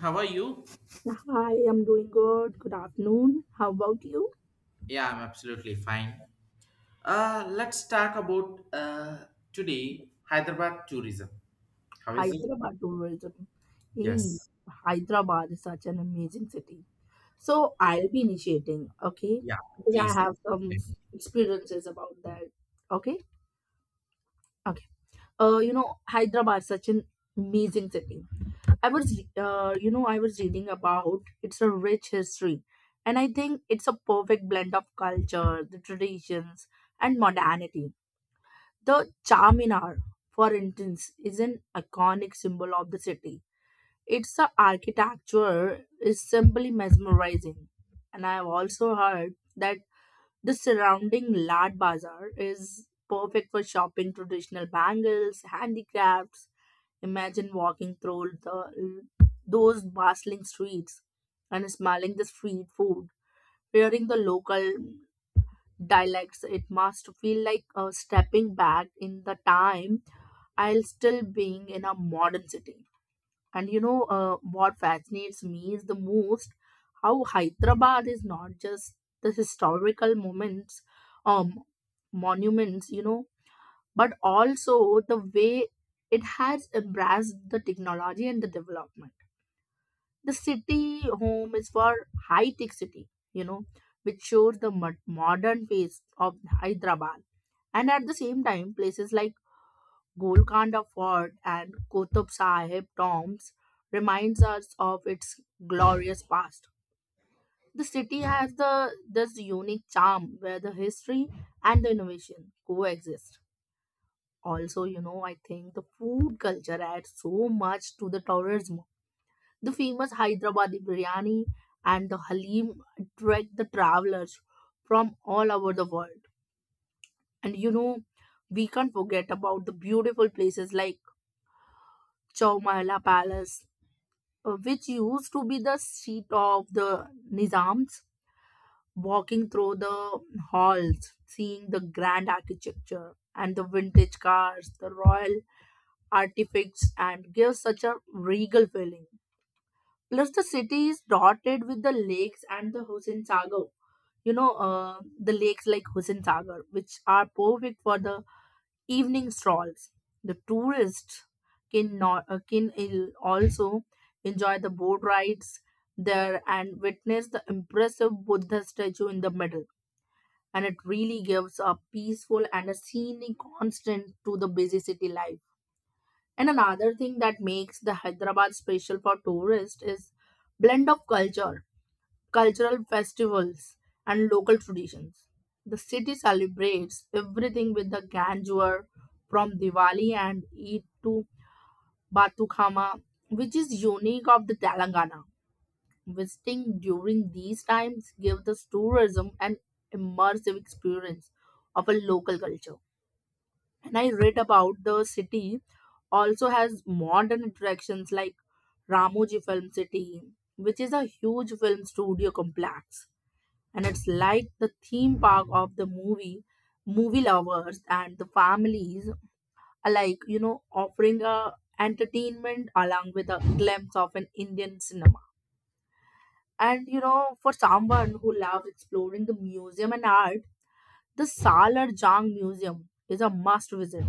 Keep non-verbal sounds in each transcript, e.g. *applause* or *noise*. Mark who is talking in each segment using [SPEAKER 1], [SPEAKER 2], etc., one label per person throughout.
[SPEAKER 1] How are you?
[SPEAKER 2] Hi, I'm doing good. Good afternoon. How about you?
[SPEAKER 1] Yeah, I'm absolutely fine. Let's talk about today Hyderabad tourism. How is it?
[SPEAKER 2] Hyderabad tourism. Hey,
[SPEAKER 1] Yes.
[SPEAKER 2] Hyderabad is such an amazing city. So I'll be initiating, okay?
[SPEAKER 1] Yeah,
[SPEAKER 2] Because I
[SPEAKER 1] please.
[SPEAKER 2] have some experiences about that. Okay? Okay. Hyderabad is such an amazing city. I was, re- you know, I was reading about it's a rich history, and I think it's a perfect blend of culture, the traditions, and modernity. The Charminar, for instance, is an iconic symbol of the city. Its architecture is simply mesmerizing. And I have also heard that the surrounding Lad Bazaar is perfect for shopping traditional bangles, handicrafts. Imagine walking through those bustling streets and smelling the street food, hearing the local dialects. It must feel like stepping back in the time I'll still being in a modern city. And you know what fascinates me is the most how Hyderabad is not just the historical moments, um, monuments, you know, but also the way it has embraced the technology and the development. The city home is for high tech city, you know, which shows the modern face of Hyderabad, and at the same time, places like Golconda Fort and Qutub Sahib tombs reminds us of its glorious past. The city has the this unique charm where the history and the innovation coexist. Also, you know, I think the food culture adds so much to the tourism. The famous Hyderabadi biryani and the halim attract the travelers from all over the world. And you know, we can't forget about the beautiful places like Chowmahla Palace, which used to be the seat of the Nizams. Walking through the halls, seeing the grand architecture and the vintage cars, the royal artifacts, and gives such a regal feeling. Plus, the city is dotted with the lakes and the Hussein Sagar. You know, the lakes like Hussein Sagar, which are perfect for the evening strolls. The tourists can, no- can also enjoy the boat rides there and witness the impressive Buddha statue in the middle. And it really gives a peaceful and a scenic constant to the busy city life. And another thing that makes the Hyderabad special for tourists is blend of culture cultural festivals, and local traditions. The city celebrates everything with the grandeur from Diwali and Eid to Batukhama, which is unique of the Telangana. Visiting during these times gives the tourism an immersive experience of a local culture. And I read about the city also has modern attractions like Ramoji Film City, which is a huge film studio complex, and it's like the theme park of the movie lovers and the families alike, you know, offering a entertainment along with a glimpse of an Indian cinema. And you know, for someone who loves exploring the museum and art, the Salar Jung museum is a must visit.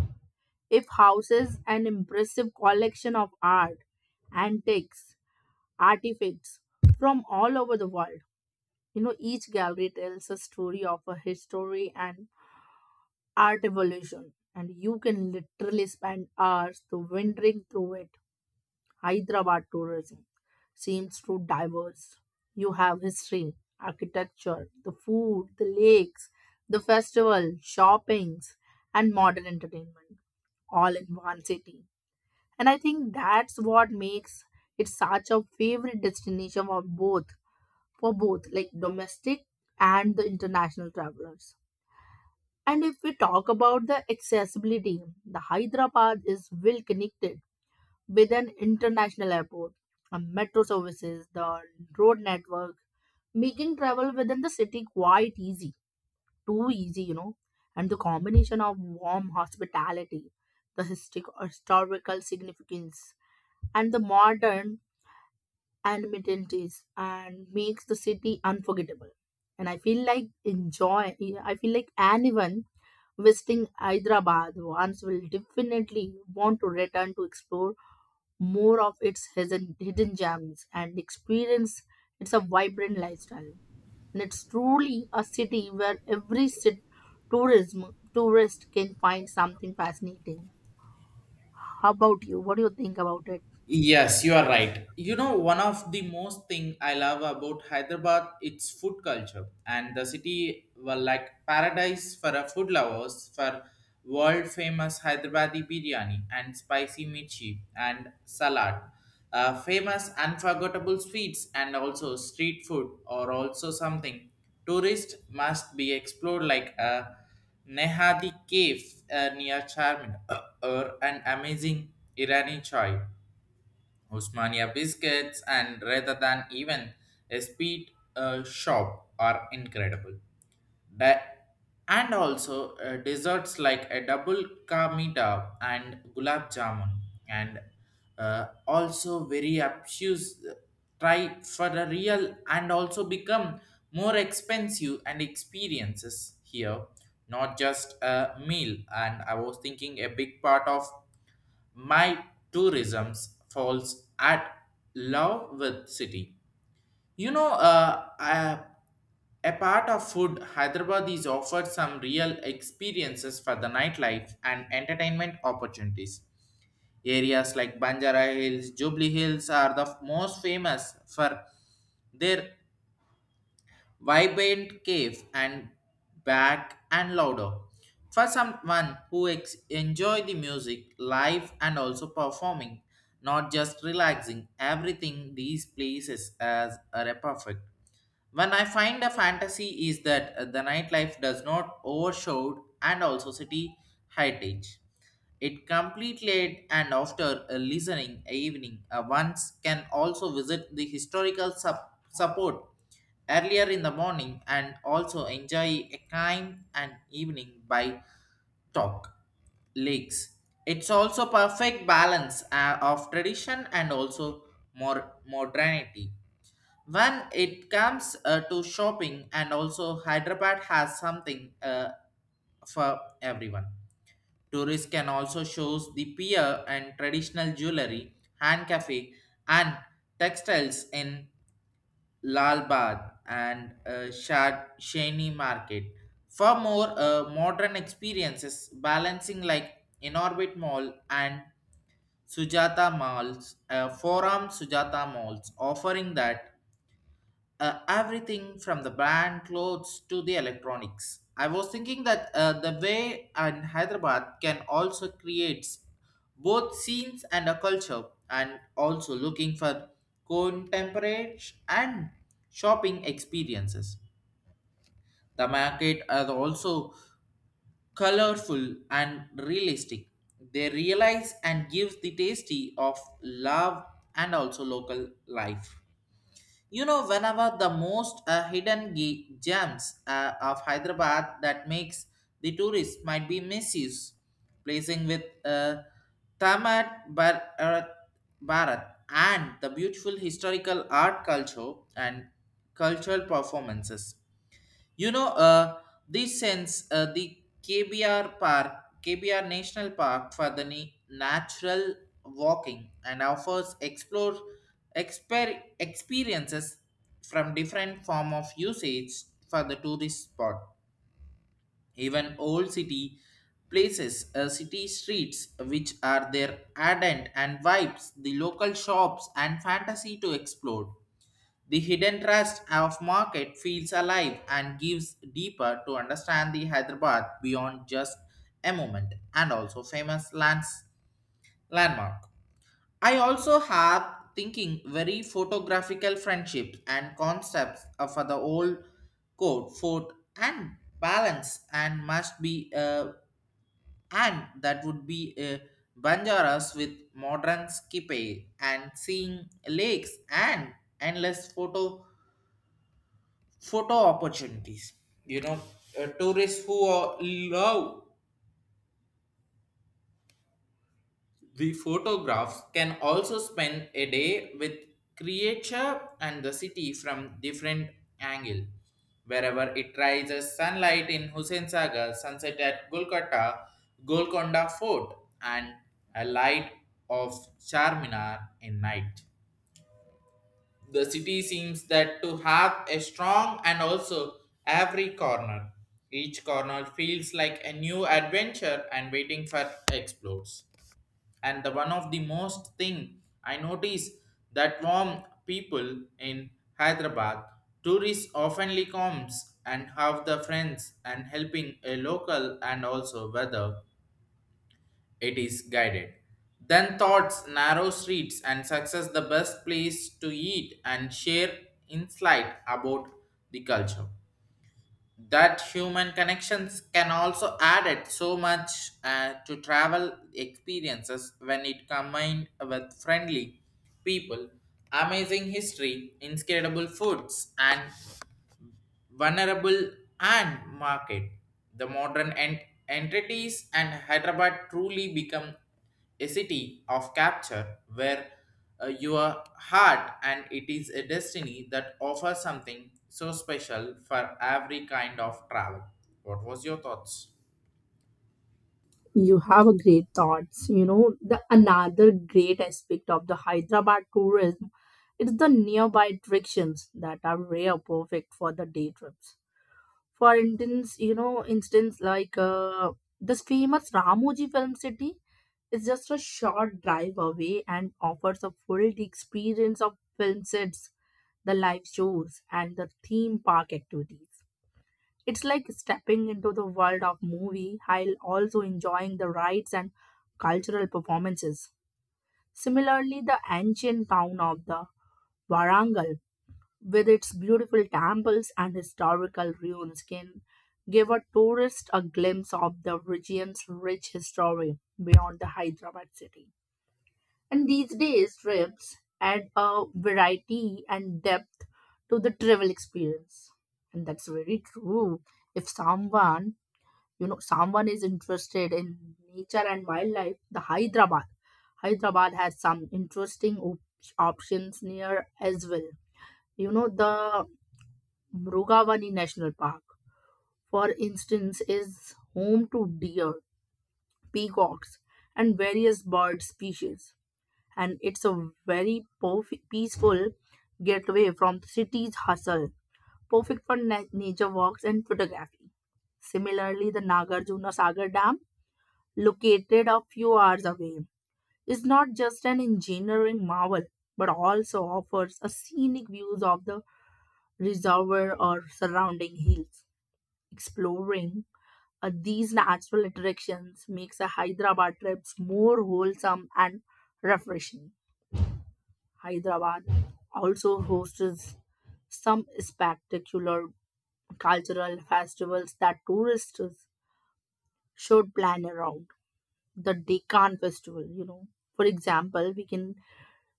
[SPEAKER 2] It houses an impressive collection of art, antiques, artifacts from all over the world. You know, each gallery tells a story of a history and art evolution, and you can literally spend hours to wandering through it. Hyderabad tourism seems to diverse. You have history, architecture, the food, the lakes, the festival, shoppings, and modern entertainment all in one city. And I think that's what makes it such a favorite destination for both like domestic and the international travelers. And if we talk about the accessibility, the Hyderabad is well connected with an international airport, a metro services, the road network, making travel within the city quite easy, too easy, you know. And the combination of warm hospitality, the historical significance, and the modern and mentalities and makes the city unforgettable. And I feel like enjoy. I feel like anyone visiting Hyderabad once will definitely want to return to explore more of its hidden gems and experience. It's a vibrant lifestyle, and it's truly a city where every sit, tourism tourist can find something fascinating. How about you? What do you think about it?
[SPEAKER 1] Yes, you are right. You know, one of the most thing I love about Hyderabad, its food culture and the city were like paradise for a food lovers for world famous Hyderabadi biryani and spicy mirchi and salad. Famous unforgettable sweets and also street food or also something tourists must be explored like a Nehadi cave near Charmin *coughs* or an amazing Irani chai Usmania biscuits and rather than even a speed shop are incredible. Di- and also desserts like a double ka mita and gulab jamun and also very obtuse try for a real and also become more expensive and experiences here not just a meal and I was thinking a big part of my tourism falls at love with city. You know, a part of food, Hyderabad is offered some real experiences for the nightlife and entertainment opportunities. Areas like Banjara Hills, Jubilee Hills are the most famous for their vibrant cave and back and louder. For someone who enjoy the music, live and also performing, not just relaxing, everything these places as are a perfect. When I find a fantasy is that the nightlife does not overshadow and also city heritage. It complete late and after a listening evening once can also visit the historical support earlier in the morning and also enjoy a kind and evening by talk lakes. It's also perfect balance of tradition and also more modernity when it comes to shopping, and also Hyderabad has something for everyone. Tourists can also shows the pier and traditional jewelry, hand cafe, and textiles in Lal Bagh and Shad Shani Market. For more modern experiences, balancing like Inorbit Mall and Sujata Malls, Forum Sujata Malls, offering that everything from the brand clothes to the electronics. I was thinking that the way in Hyderabad can also create both scenes and a culture, and also looking for contemporary and shopping experiences. The market are also colorful and realistic. They realize and give the tasty of love and also local life. You know, whenever the most hidden gems of Hyderabad that makes the tourists might be misused, placing with Tamat Bar- uh, Bharat and the beautiful historical art culture and cultural performances. You know, this sense the KBR Park, KBR National Park for the natural walking and offers explore experiences from different form of usage for the tourist spot. Even old city places, city streets, which are their ardent and vibes, the local shops and fantasy to explore. The hidden trust of market feels alive and gives deeper to understand the Hyderabad beyond just a moment and also famous lands landmark. I also have thinking very photographical friendships and concepts for the old court fort and balance and must be and that would be banjaras with modern skippy and seeing lakes and endless photo opportunities, you know. Uh, love the photographs can also spend a day with creature and the city from different angle wherever it rises sunlight in hussein sagar sunset at golkata golconda fort and a light of charminar in night. The city seems that to have a strong and also every corner. Each corner feels like a new adventure and waiting for explores. And the one of the most thing I notice that warm people in Hyderabad, tourists oftenly comes and have the friends and helping a local and also weather it is guided. Then thoughts, narrow streets, and success the best place to eat and share insight about the culture. That human connections can also add it so much to travel experiences when it combined with friendly people, amazing history, incredible foods, and vulnerable and market. The modern entities and Hyderabad truly become a city of capture where your heart and it is a destiny that offers something so special for every kind of travel. What was your thoughts?
[SPEAKER 2] You have a great thoughts. You know, the another great aspect of the Hyderabad tourism is the nearby attractions that are rare perfect for the day trips. For instance, you know, instance like this famous Ramoji Film City is just a short drive away and offers a full experience of film sets, the live shows, and the theme park activities. It's like stepping into the world of movie while also enjoying the rites and cultural performances. Similarly, the ancient town of the Warangal, with its beautiful temples and historical ruins, can give a tourist a glimpse of the region's rich history beyond the Hyderabad city. And these days, trips add a variety and depth to the travel experience. And that's very true. If someone, you know, someone is interested in nature and wildlife, the Hyderabad has some interesting options near as well. You know, the Mrugavani National Park, for instance, is home to deer, peacocks, and various bird species. And it's a very peaceful getaway from the city's hustle, perfect for nature walks and photography. Similarly, the Nagarjuna Sagar Dam, located a few hours away, is not just an engineering marvel, but also offers a scenic views of the reservoir or surrounding hills. Exploring these natural attractions makes a Hyderabad trips more wholesome and refreshing. Hyderabad also hosts some spectacular cultural festivals that tourists should plan around. The Deccan Festival, you know. For example, we can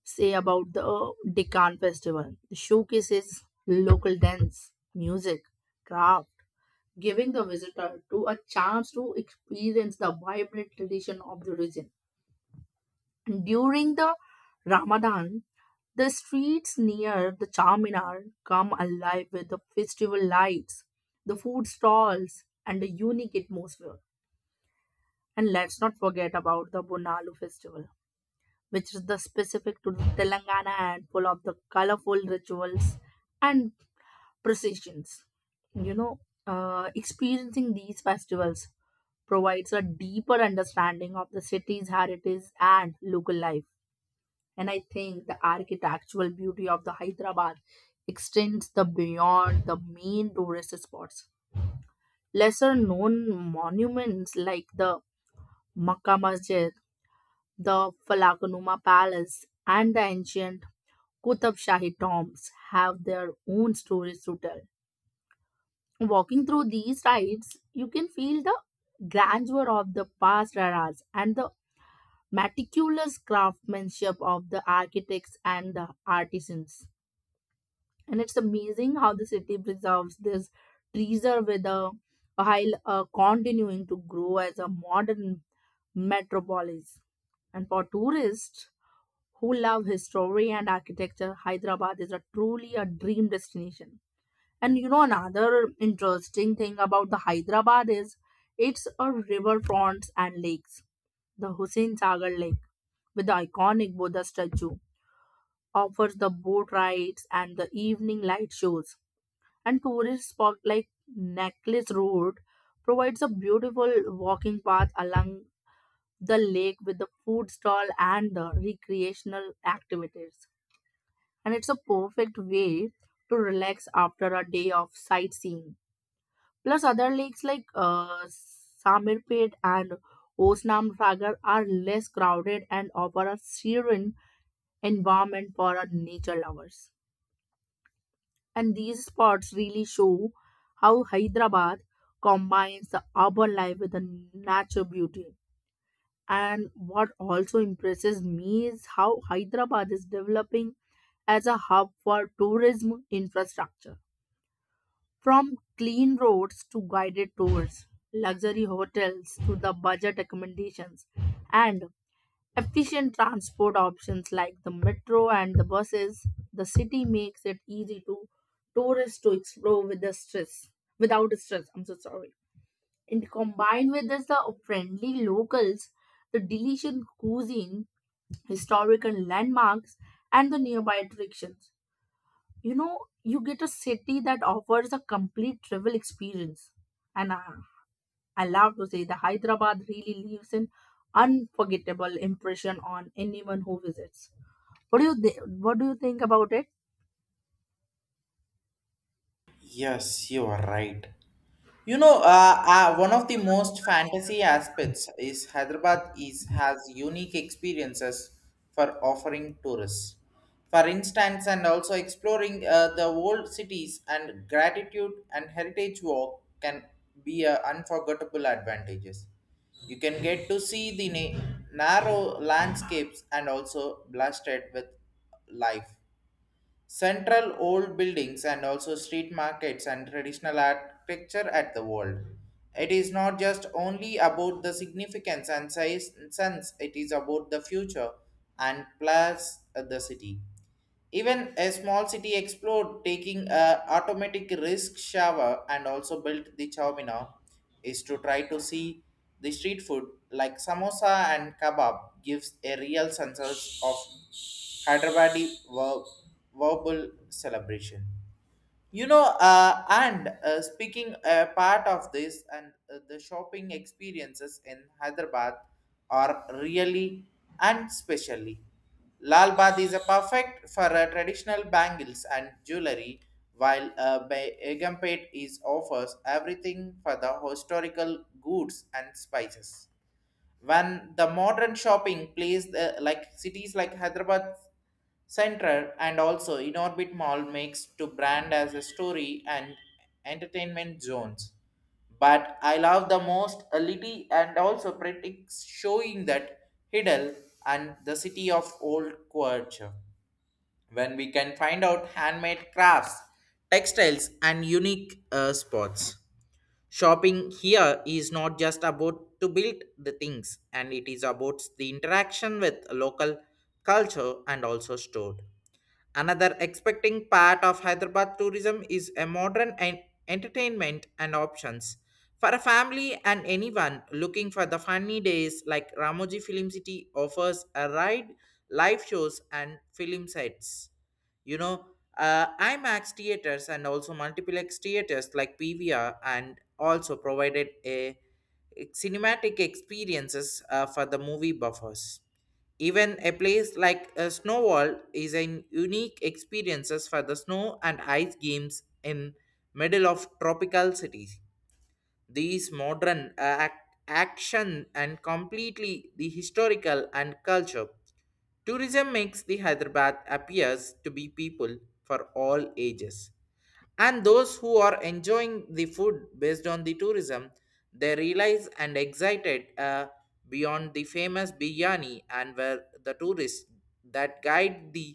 [SPEAKER 2] say about the Deccan Festival. The showcases local dance, music, craft, giving the visitor to a chance to experience the vibrant tradition of the region. During the Ramadan, the streets near the Charminar come alive with the festival lights, the food stalls, and the unique atmosphere. And let's not forget about the Bonalu festival, which is the specific to Telangana and full of the colorful rituals and processions. You know, experiencing these festivals provides a deeper understanding of the city's heritage and local life. And I think the architectural beauty of the Hyderabad extends the beyond the main tourist spots. Lesser known monuments like the Makkah Masjid, the Falakanuma Palace, and the ancient Kutab Shahi tombs have their own stories to tell. Walking through these rides, you can feel the grandeur of the past eras and the meticulous craftsmanship of the architects and the artisans. And it's amazing how the city preserves this treasure with a while continuing to grow as a modern metropolis. And for tourists who love history and architecture, Hyderabad is a truly a dream destination. And you know, another interesting thing about the Hyderabad is it's a riverfront and lakes. The Hussein Sagar Lake, with the iconic Buddha statue, offers the boat rides and the evening light shows. And tourist spot like Necklace Road provides a beautiful walking path along the lake with the food stall and the recreational activities. And it's a perfect way to relax after a day of sightseeing. Plus, other lakes like Samirpet and Osnam Sagar are less crowded and offer a serene environment for our nature lovers. And these spots really show how Hyderabad combines the urban life with the nature beauty. And what also impresses me is how Hyderabad is developing as a hub for tourism infrastructure. From clean roads to guided tours, luxury hotels to the budget accommodations, and efficient transport options like the metro and the buses, the city makes it easy to tourists to explore without stress. I'm so sorry. And combined with this, the friendly locals, the delicious cuisine, historical landmarks, and the nearby attractions, you know, you get a city that offers a complete travel experience. and i, I love to say the Hyderabad really leaves an unforgettable impression on anyone who visits. What do you think about it?
[SPEAKER 1] Yes, you are right. You know, one of the most fantasy aspects is Hyderabad is has unique experiences for offering tourists. For instance, and also exploring the old cities and gratitude and heritage walk can be a unforgettable advantages. You can get to see the narrow landscapes and also blasted with life. Central old buildings and also street markets and traditional architecture at the world. It is not just only about the significance and size sense, it is about the future and plus the city. Even a small city explored taking a automatic risk shower and also built the Chowmina is to try to see the street food like samosa and kebab gives a real sense of Hyderabadi verbal celebration, you know. And Speaking part of this and the shopping experiences in hyderabad are really and specially lal baad is a perfect for traditional bangles and jewelry while Egampet is offers everything for the historical goods and spices when the modern shopping plays the, like cities like hyderabad center and also inorbit mall makes to brand as a story and entertainment zones but I love the most a little and also pretty showing that hiddle and the city of old culture when we can find out handmade crafts textiles and unique spots. Shopping here is not just about to build the things, and it is about the interaction with local culture and also stored. Another expecting part of Hyderabad tourism is a modern entertainment and options. For a family and anyone looking for the funny days like Ramoji Film City offers a ride, live shows and film sets. You know, IMAX theaters and also multiplex theaters like PVR and also provided a cinematic experiences for the movie buffers. Even a place like a Snowball is an unique experiences for the snow and ice games in middle of tropical cities. These modern action and completely the historical and culture. Tourism makes the Hyderabad appears to be people for all ages and those who are enjoying the food based on the tourism they realize and excited beyond the famous biryani and where the tourists that guide the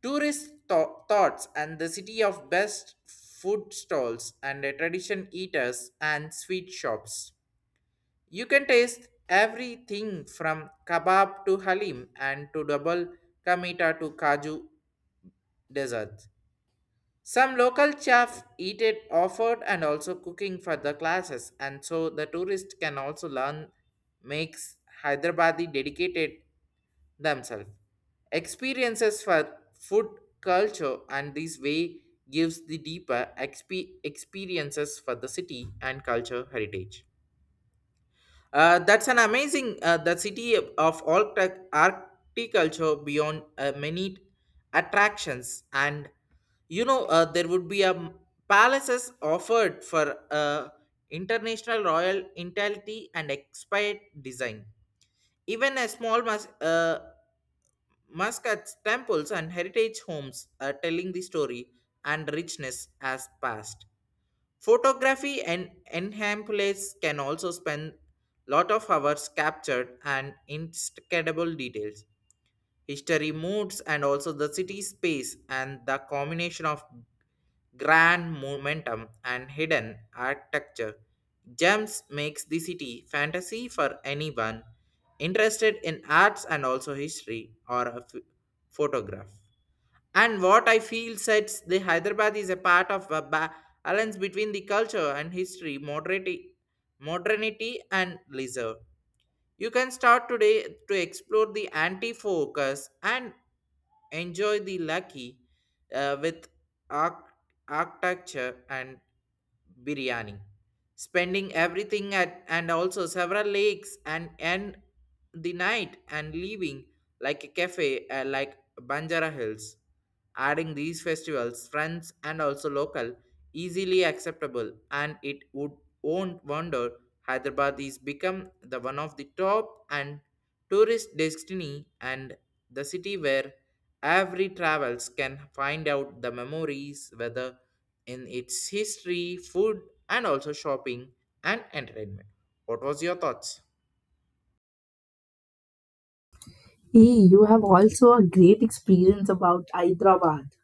[SPEAKER 1] tourist thoughts and the city of best food stalls and the tradition eaters and sweet shops you can taste everything from kebab to halim and to double kamita to kaju dessert some local chefs eat it offered and also cooking for the classes, and so the tourist can also learn makes Hyderabadi dedicated themselves. Experiences for food culture and this way gives the deeper experiences for the city and culture heritage. That's an amazing. The city of all architecture beyond many attractions, and you know there would be a palaces offered for international royal intelligence and expired design. Even a small muscats temples and heritage homes are telling the story and richness as past. Photography and enhamples can also spend lot of hours captured and inscrutable details, history moods and also the city space and the combination of grand momentum and hidden architecture. Gems makes the city fantasy for anyone interested in arts and also history or a photograph. And what I feel sets the Hyderabad is a part of a balance between the culture and history, modernity, modernity and leisure. You can start today to explore the anti focus and enjoy the lucky with arch- architecture and biryani. Spending everything at and also several lakes and end the night and leaving like a cafe like Banjara Hills. Adding these festivals, friends and also local, easily acceptable and it would won't wander Hyderabad is become the one of the top and tourist destiny and the city where every travels can find out the memories whether in its history, food and also shopping and entertainment. What was your thoughts?
[SPEAKER 2] Hey, you have also a great experience about Hyderabad.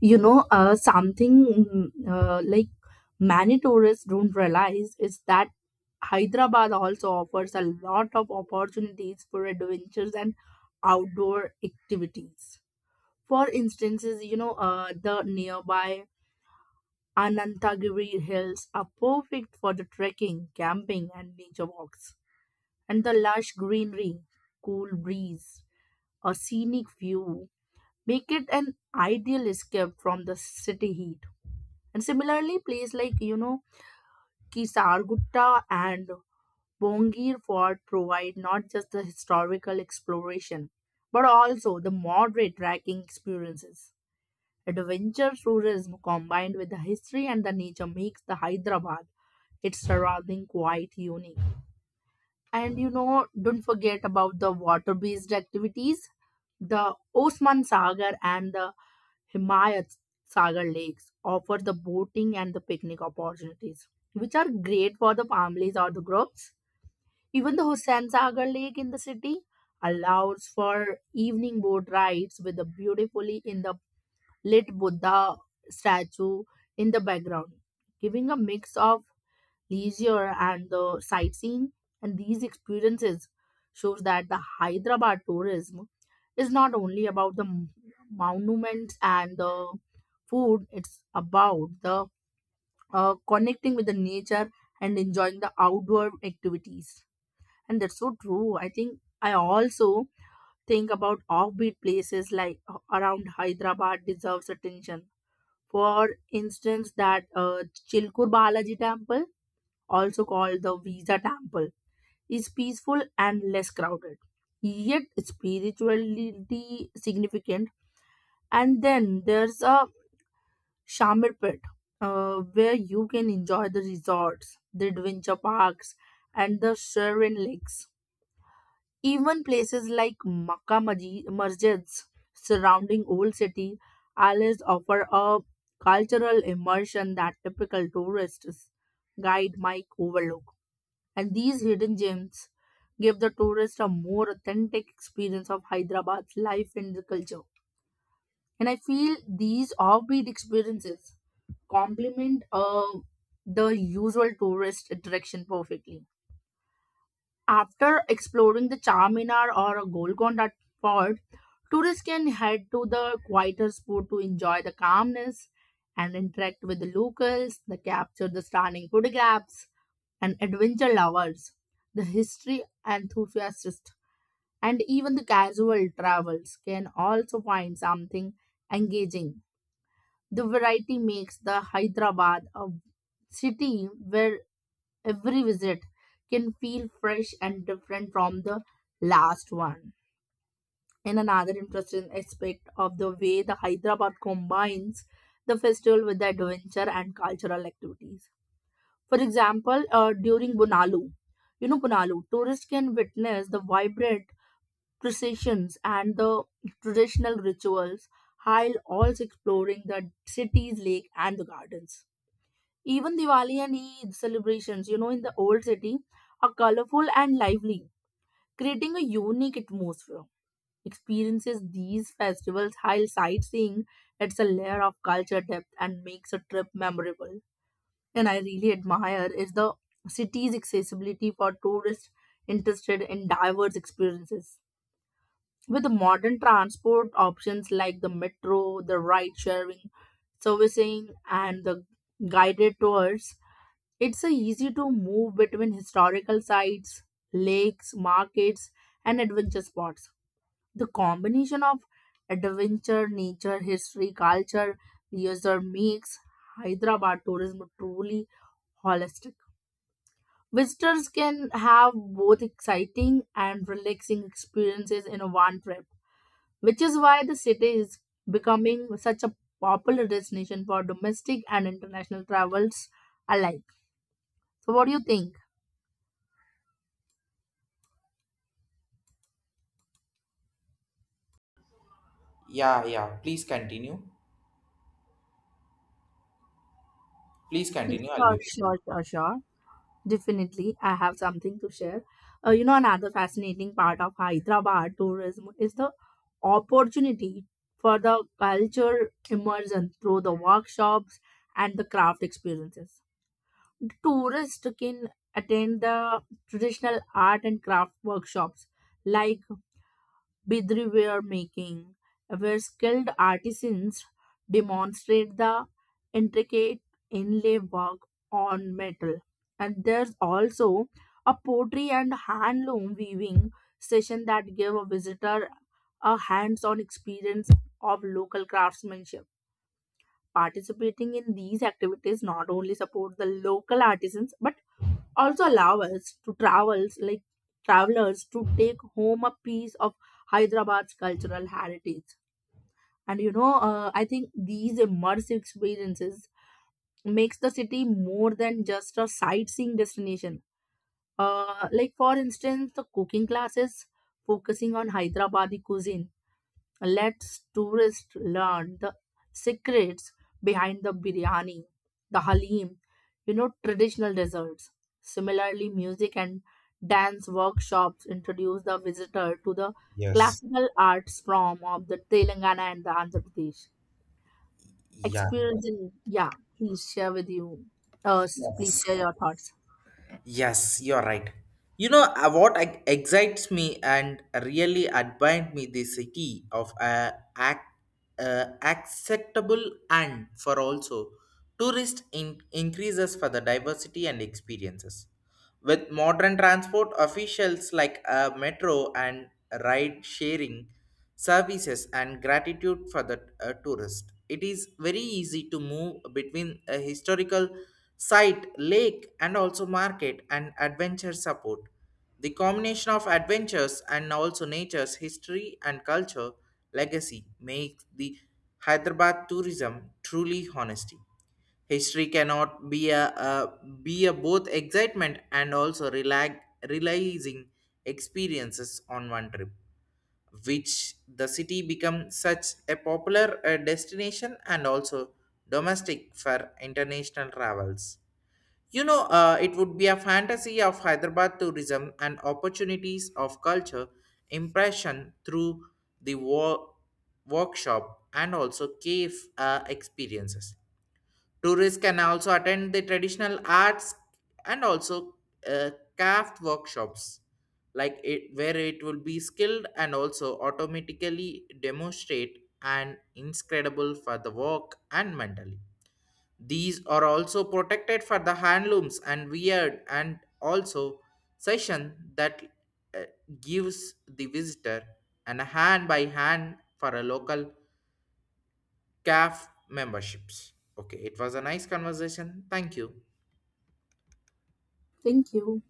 [SPEAKER 2] You know, something like many tourists don't realize is that Hyderabad also offers a lot of opportunities for adventures and outdoor activities. For instances, you know, the nearby Anantagiri hills are perfect for the trekking, camping, and nature walks. And the lush greenery, cool breeze, a scenic view make it an ideal escape from the city heat. And similarly, places like, you know, Kisargutta and Bongir Fort provide not just the historical exploration, but also the moderate trekking experiences. Adventure tourism combined with the history and the nature makes the Hyderabad its surrounding quite unique. And you know, don't forget about the water-based activities. The Osman Sagar and the Himayat Sagar Lakes offer the boating and the picnic opportunities, which are great for the families or the groups. Even the Hussain Sagar Lake in the city allows for evening boat rides with the beautifully in the lit Buddha statue in the background, giving a mix of leisure and the sightseeing, and these experiences shows that the hyderabad tourism is not only about the monuments and the food. It's about the connecting with the nature and enjoying the outdoor activities. And that's so true. I think I also think about offbeat places like, around Hyderabad, deserves attention. For instance, that Chilkur Balaji Temple, also called the Visa Temple, is peaceful and less crowded, yet spiritually significant. And then there's a Shamir Pit, where you can enjoy the resorts, the adventure parks, and the Sharon Lakes. Even places like Masjids surrounding Old City always offer a cultural immersion that typical tourists guide might overlook. And these hidden gems give the tourist a more authentic experience of Hyderabad's life and the culture. And I feel these offbeat experiences complement the usual tourist attraction perfectly. After exploring the Charminar or Golconda Fort, tourists can head to the quieter spot to enjoy the calmness and interact with the locals, they capture the stunning photographs, and adventure lovers, the history enthusiasts, and even the casual travelers can also find something engaging. The variety makes the Hyderabad a city where every visit can feel fresh and different from the last one. And another interesting aspect of the way the Hyderabad combines the festival with the adventure and cultural activities. For example, during Bunalu, you know, Bunalu, tourists can witness the vibrant processions and the traditional rituals while also exploring the city's lake and the gardens. Even Diwali and Eid celebrations, you know, in the old city are colorful and lively, creating a unique atmosphere. Experiences these festivals while sightseeing adds a layer of culture depth and makes a trip memorable. And I really admire is the city's accessibility for tourists interested in diverse experiences. With the modern transport options like the metro, the ride sharing, servicing, and the guided tours, it's a easy to move between historical sites, lakes, markets, and adventure spots. The combination of adventure, nature, history, culture, leisure makes Hyderabad tourism truly holistic. Visitors can have both exciting and relaxing experiences in one trip, which is why the city is becoming such a popular destination for domestic and international travels alike. So, what do you think?
[SPEAKER 1] Yeah, yeah. Please continue. Please continue. I'll
[SPEAKER 2] Sure,
[SPEAKER 1] be.
[SPEAKER 2] sure, sure, sure. Definitely, I have something to share. You know, another fascinating part of Hyderabad tourism is the opportunity for the culture immersion through the workshops and the craft experiences. The tourist can attend the traditional art and craft workshops like bidri ware making, where skilled artisans demonstrate the intricate inlay work on metal. And there's also a pottery and handloom weaving session that give a visitor a hands-on experience of local craftsmanship. Participating in these activities not only support the local artisans but also allow us to travels like travelers to take home a piece of Hyderabad's cultural heritage. And you know, I think these immersive experiences makes the city more than just a sightseeing destination. Like, for instance, the cooking classes focusing on hyderabadi cuisine let's tourists learn the secrets behind the biryani, the halim, you know, traditional desserts. Similarly, music and dance workshops introduce the visitor to the
[SPEAKER 1] Yes.
[SPEAKER 2] classical arts from of the Telangana and the Andhra Pradesh.
[SPEAKER 1] Yeah.
[SPEAKER 2] Experience in, yeah, please share with you. Uh, Please share
[SPEAKER 1] Yes.
[SPEAKER 2] your thoughts.
[SPEAKER 1] Yes, you're right. You know, what excites me and really admired me the city of ac- acceptable and for also tourist increases for the diversity and experiences. With modern transport officials like metro and ride sharing services and gratitude for the tourist, it is very easy to move between a historical site, lake, and also market and adventure support. The combination of adventures and also nature's history and culture legacy makes the Hyderabad tourism truly honesty. History cannot be a be a both excitement and also relax, realizing experiences on one trip, which the city become such a popular destination and also domestic for international travels. You know, it would be a fantasy of Hyderabad tourism and opportunities of culture impression through the workshop and also cave experiences. Tourists can also attend the traditional arts and also uh, craft workshops, like it, where it will be skilled and also automatically demonstrate and incredible for the work and mentally. These are also protected for the handlooms and weird and also session that uh, gives the visitor an hand by hand for a local CAF memberships. Okay, it was a nice conversation. Thank you.
[SPEAKER 2] Thank you.